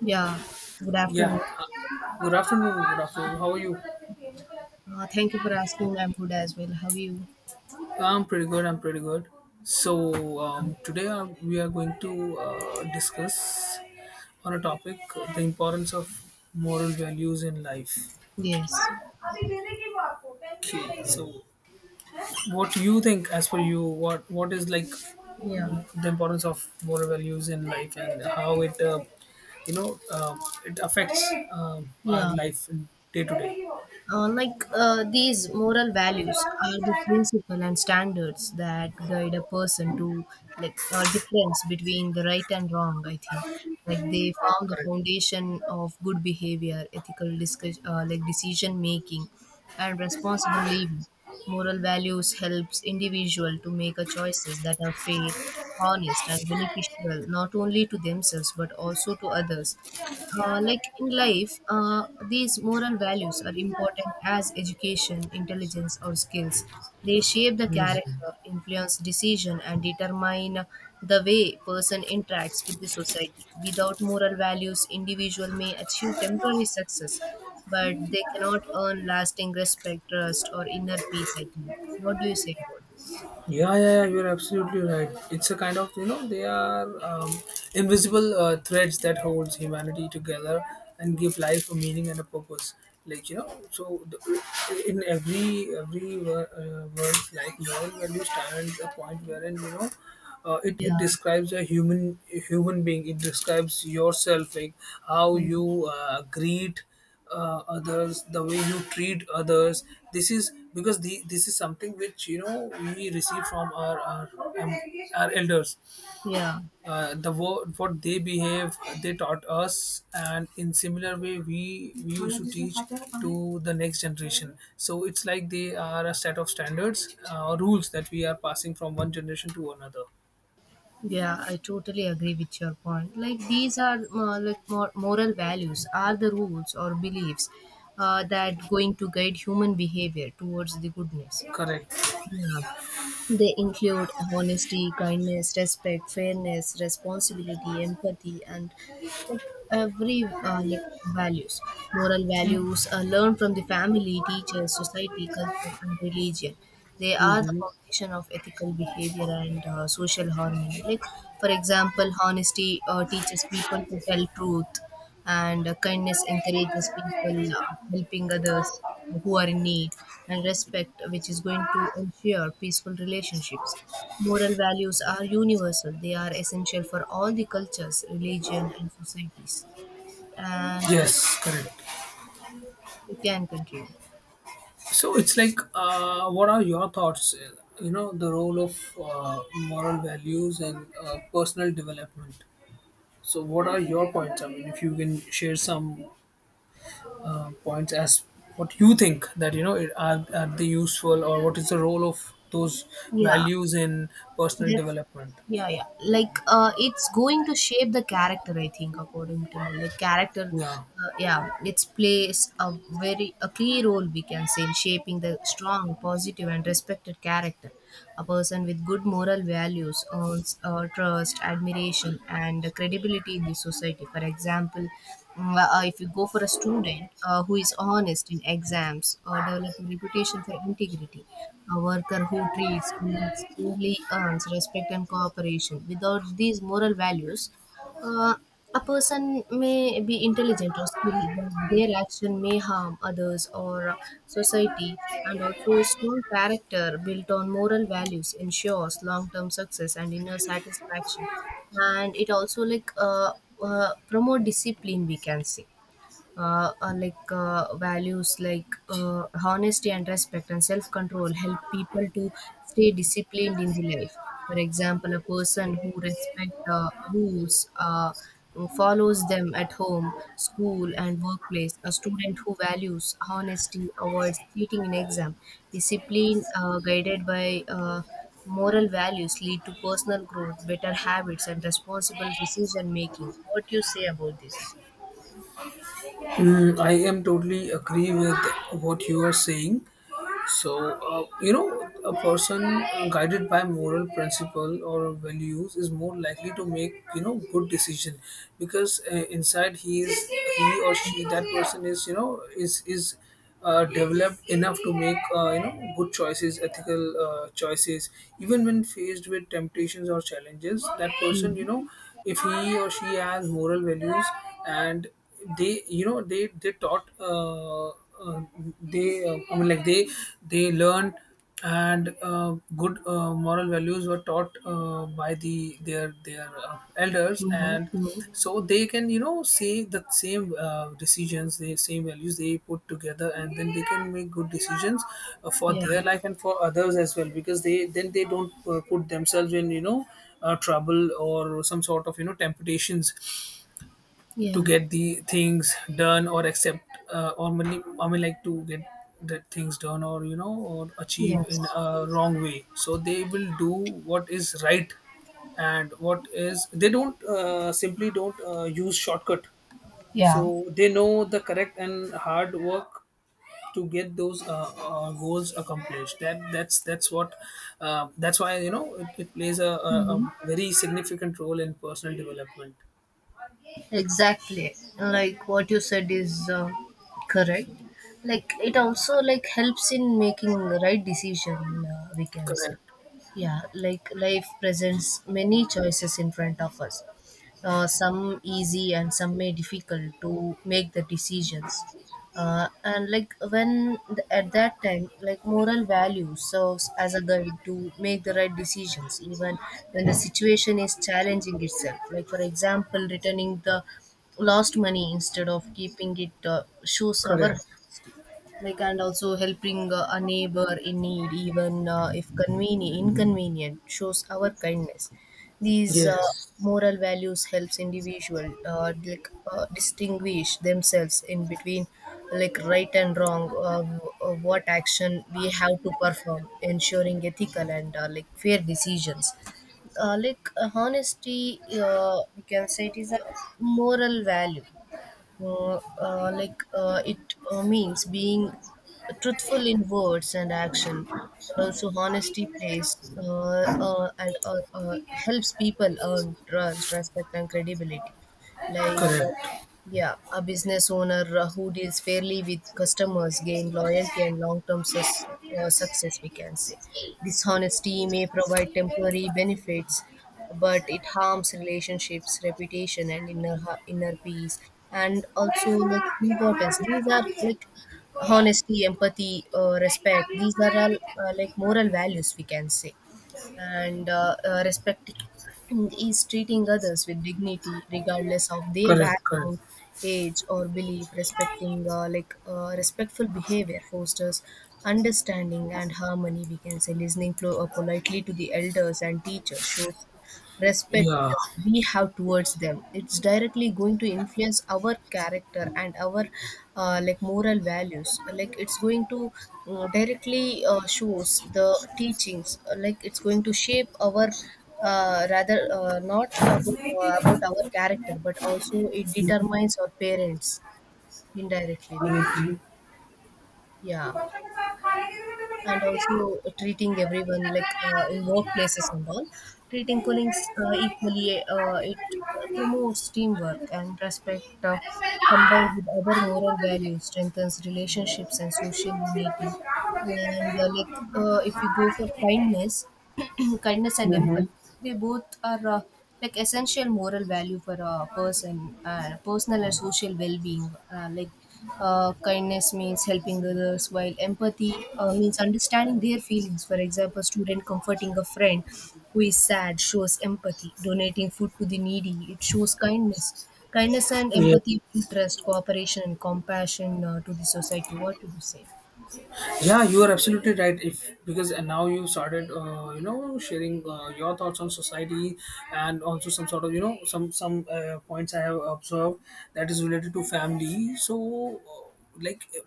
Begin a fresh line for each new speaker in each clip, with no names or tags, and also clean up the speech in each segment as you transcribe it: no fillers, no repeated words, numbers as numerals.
Yeah, good
Yeah.
afternoon.
Good afternoon. Good afternoon. How are you?
Thank you for asking. I'm good as well. How are you?
I'm pretty good. I'm pretty good. So today we are going to discuss on a topic, the importance of moral values in life.
Yes.
Okay. So what you think, as per you, what is like
Yeah.
the importance of moral values in life and how it you know uh, it affects uh, our
Yeah.
life in day to day.
These moral values are the principle and standards that guide a person to, like, a difference between the right and wrong, I think. Like, they
Ah,
form the
correct.
foundation of good behavior, ethical decision making and responsible living. Moral values helps individual to make a choices that are fair, honest and beneficial not only to themselves but also to others. Like in life, these moral values are important as education, intelligence, or skills. They shape the
Mhm.
character, influence decision, and determine the way person interacts with the society. Without moral values, individual may achieve temporary success, but they cannot earn lasting respect, trust, or inner peace. I think. What do you say about this?
Yeah, yeah, yeah, you're absolutely right. It's a kind of, you know, they are invisible threads that holds humanity together and give life a meaning and a purpose. Like, you know, in every world's life, moral value stands a point wherein, you know, it
Yeah.
describes a human, a human being. It describes yourself, like how
Mm.
you greet others, the way you treat others. This is because this is something which, you know, we receive from our, um, our elders.
Yeah.
What they behave, they taught us, and in similar way we used to teach to the next generation. So it's like they are a set of standards or rules that we are passing from one generation to another.
Yeah, I totally agree with your point. Like, these are, moral values are the rules or beliefs that going to guide human behavior towards the goodness.
Correct.
Yeah. They include honesty, kindness, respect, fairness, responsibility, empathy, and, like, every like values, moral values are learned from the family, teachers, society, culture, and religion. They are the foundation of ethical behavior and social harmony. Like, for example, honesty teaches people to tell truth, and kindness encourages people helping others who are in need, and respect which is going to ensure peaceful relationships. Moral values are universal, they are essential for all the cultures, religion and societies. And, like,
Yes, correct.
you can continue.
So it's like, what are your thoughts? You know, the role of uh, moral values and personal development. So, what are your points? I mean, if you can share some points as what you think, that you know, are they useful, or what is the role of those
Yeah.
values in personal
That's,
development?
yeah, yeah. It's going to shape the character. I think, according to me, like, character,
Yeah.
yeah, it's plays a very a key role, we can say, in shaping the strong, positive, and respected character. A person with good moral values earns trust, admiration, and credibility in the society. For example, if you go for a student who is honest in exams, develop a reputation for integrity. A worker who treats colleagues fairly earns respect and cooperation. Without these moral values, uh, a person may be intelligent or skilled, but their action may harm others or society. And also, strong character built on moral values ensures long-term success and inner satisfaction. And it also promote discipline, we can say. Values like honesty and respect and self control help people to stay disciplined in the life. For example, a person who respect rules follows them at home, school, and workplace. A student who values honesty avoids cheating in exam. Discipline guided by moral values lead to personal growth, better habits, and responsible decision making. What do you say about this?
Mm, I am totally agree with what you are saying. So, you know, a person guided by moral principle or values is more likely to make, you know, good decision, because inside he is, he or she, that person is, you know, is developed enough to make, you know, good choices, ethical choices, even when faced with temptations or challenges. That person,
Hmm.
you know, if he or she has moral values, and they, you know, they taught, they I mean, like they learn, and good moral values were taught by the their elders,
Mhm,
and
mhm.
so they can, you know, say the same decisions, the same values, they put together, and then they can make good decisions for their
Yeah,
life and for others as well, because they, then they don't put themselves in, you know, trouble or some sort of, you know, temptations to
yeah,
get the things done or accept or many, I mean, like to get the things done or, you know, or achieve in
yes,
a wrong way. So they will do what is right and what is, they don't simply don't use shortcut.
yeah.
So they know the correct and hard work to get those goals accomplished. That's what, that's why, you know, it plays a, a,
Mhm.
a very significant role in personal development.
Exactly. Like, what you said is, correct. Like, it also, like, helps in making the right decision. We can say,
Correct.
yeah. Like, life presents many choices in front of us. Some easy and some may difficult to make the decisions. And, like, when at that time, like, moral value serves as a guide to make the right decisions even when the situation is challenging itself. Like, for example, returning the lost money instead of keeping it shows our,
Correct.
like, and also helping a neighbor in need even if convenient inconvenient shows our kindness. These
Yes.
moral values helps individual, distinguish themselves in between, like, right and wrong. What action we have to perform, ensuring ethical and, fair decisions. Honesty, you can say, it is a moral value. It means being truthful in words and action. And also, honesty plays and helps people earn trust, respect and credibility. like uh,
Correct.
yeah, a business owner who deals fairly with customers gain loyalty and long-term success, we can say. Dishonesty may provide temporary benefits, but it harms relationships, reputation, and inner peace. And also, like, importance. These are, like, honesty, empathy, respect. These are all, moral values, we can say. And respecting is treating others with dignity regardless of their
Correct. Correct.
background, age or belief. Respecting like Respectful behavior fosters understanding and harmony, we can say. Listening politely to the elders and teachers shows respect
Yeah.
we have towards them. It's directly going to influence our character and our, moral values. Like, it's going to, mm, directly shows the teachings. It's going to shape our, rather not about, about our character, but also it determines our parents indirectly, we can.
Mm-hmm.
Yeah. And also treating everyone, like, in workplaces and all, treating colleagues equally, it promotes teamwork and respect. Combined with other moral values, strengthens relationships and social unity. And like If you go for kindness, kindness and
Mm-hmm.
empathy, they both are, essential moral value for a person, personal and social well-being. Kindness means helping others, while empathy means understanding their feelings. For example, student comforting a friend who is sad shows empathy. Donating food to the needy, it shows kindness. Kindness and
Yeah.
empathy build trust, cooperation and compassion to the society. What do you say?
Yeah, you are absolutely right. If, because, and now you started, you know, sharing your thoughts on society, and also some sort of, you know, some points I have observed that is related to family. So, like, uh,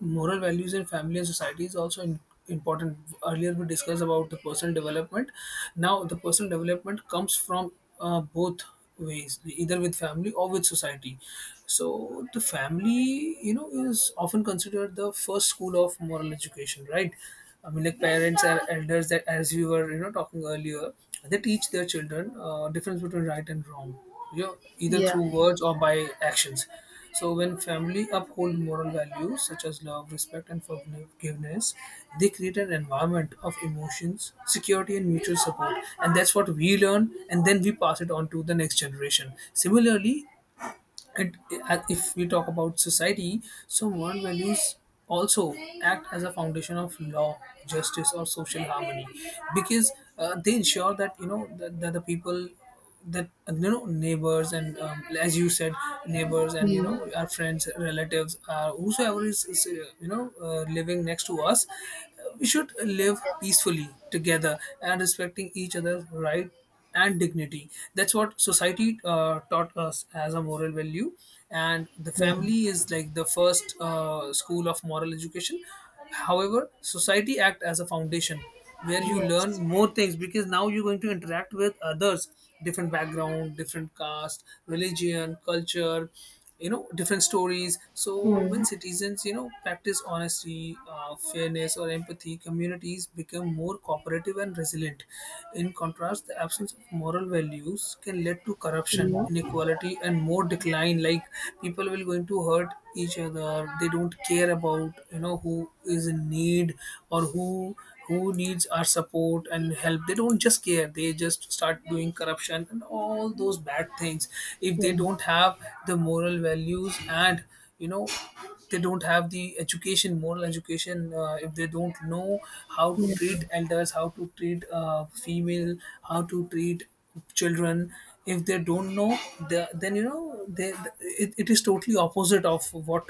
moral values in family and society is also in, important. Earlier we discussed about the personal development. Now the personal development comes from both ways, either with family or with society. So the family, you know, is often considered the first school of moral education, right? I mean, like, parents are elders that, as we were, you know, talking earlier, they teach their children difference between right and wrong, you know, either
Yeah.
through words or by actions. So when family uphold moral values such as love, respect, and forgiveness, they create an environment of emotions, security, and mutual support. And that's what we learn, and then we pass it on to the next generation. Similarly, and if we talk about society, so moral values also act as a foundation of law, justice, or social harmony, because they ensure that, you know, that the people, that, you know, neighbors and as you said, neighbors and, you
Mm.
know, our friends, relatives, whosoever is, you know, living next to us, we should live peacefully together and respecting each other's right and dignity. That's what society taught us as a moral value, and the
Yeah.
family is like the first school of moral education. However, society act as a foundation where you learn
Yes.
more things, because now you're going to interact with others, different background, different caste, religion, culture, you know, different stories. So when
Mm.
citizens, you know, practice honesty, fairness, or empathy, communities become more cooperative and resilient. In contrast, the absence of moral values can lead to corruption,
Yeah.
inequality, and more decline. Like, people will going to hurt each other. They don't care about, you know, who is in need, or who needs our support and help. They don't just care. They just start doing corruption and all those bad things if they
Yeah.
don't have the moral values. And, you know, they don't have the education, moral education. If they don't know how to
Yeah.
treat elders, how to treat female, how to treat children, if they don't know the, then, you know, they, it is totally opposite of what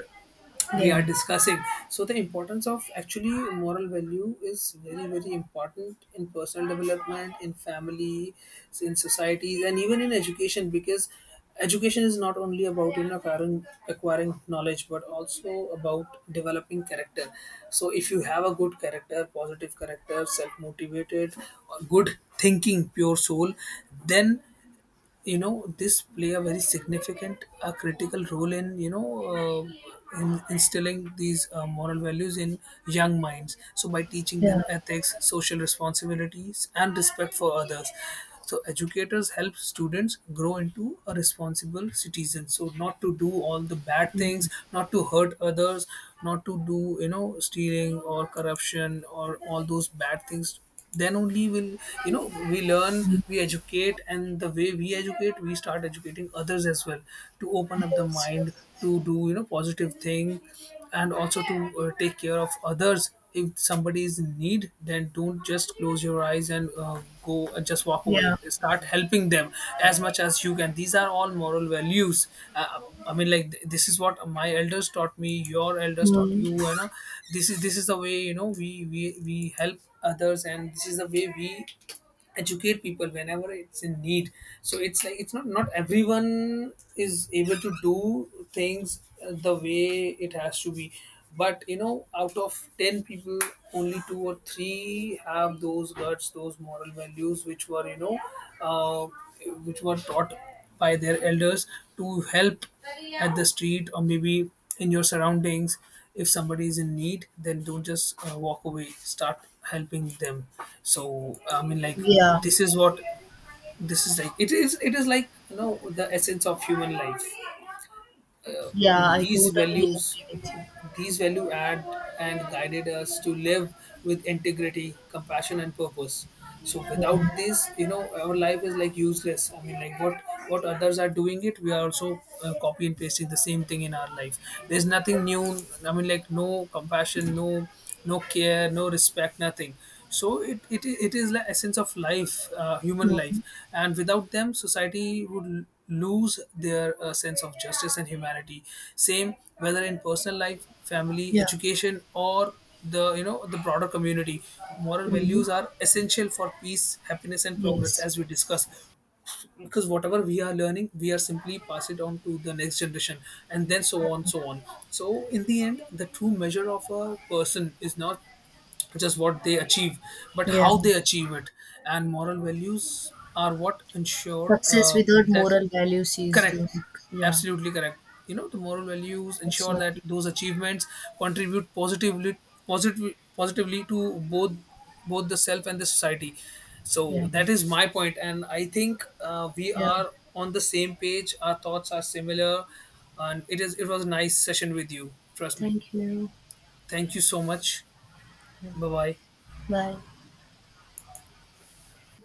we
Yeah.
are discussing. So the importance of actually moral value is very, very important in personal development, in family, in societies, and even in education, because education is not only about, you know, acquiring knowledge, but also about developing character. So if you have a good character, positive character, self motivated, good thinking, pure soul, then, you know, this play a very significant critical role in, you know, in instilling these moral values in young minds. So by teaching
Yeah.
them ethics, social responsibilities, and respect for others, so educators help students grow into a responsible citizen, so not to do all the bad things, not to hurt others, not to do, you know, stealing or corruption or all those bad things. Then only will, you know, we learn, we educate, and the way we educate, we start educating others as well, to open up the
Yes.
mind
Yes.
to do, you know, positive thing, and also to take care of others. If somebody is in need, then don't just close your eyes and go and just walk away.
Yeah.
Start helping them as much as you can. These are all moral values. I mean, like, this is what my elders taught me. Your elders taught
Mm.
you. You know, this is the way, you know, we help others, and this is the way we educate people whenever it's in need. So it's like, it's not everyone is able to do things the way it has to be. But you know, out of ten people, only two or three have those guts, those moral values, which were, you know, uh, which were taught by their elders to help at the street, or maybe in your surroundings. If somebody is in need, then don't just walk away. Start helping them. So I mean, like,
Yeah.
this is what this is like, it is like, you know, the essence of human life. uh,
Yeah, I
these
totally
values,
agree with you.
these value add and guided us to live with integrity, compassion, and purpose. So
Yeah.
without this, you know, our life is like useless. I mean, like, what others are doing it, we are also copy and pasting the same thing in our life. There's nothing new. I mean, like, no compassion, no, no care, no respect, nothing. So it is the essence of life, human life,
Mm.
and without them society would lose their sense of justice and humanity, same whether in personal life, family,
Yeah.
education, or the, you know, the broader community. Moral
Mm.
values are essential for peace, happiness, and progress,
Yes.
as we discussed, because whatever we are learning, we are simply pass it on to the next generation, and then so on, so on. So in the end, the true measure of a person is not just what they achieve, but
Yeah.
how they achieve it, and moral values are what ensure
Success without
that.
moral values is
Correct.
like, yeah,
Absolutely correct. You know, the moral values
it's
ensure that
nothing.
those achievements contribute positively, positively to both, both the self and the society. So
Yeah.
that is my point, and I think we
Yeah.
are on the same page. Our thoughts are similar, and it was a nice session with you. Trust me.
Thank you.
Thank you so much. Bye bye.
Bye.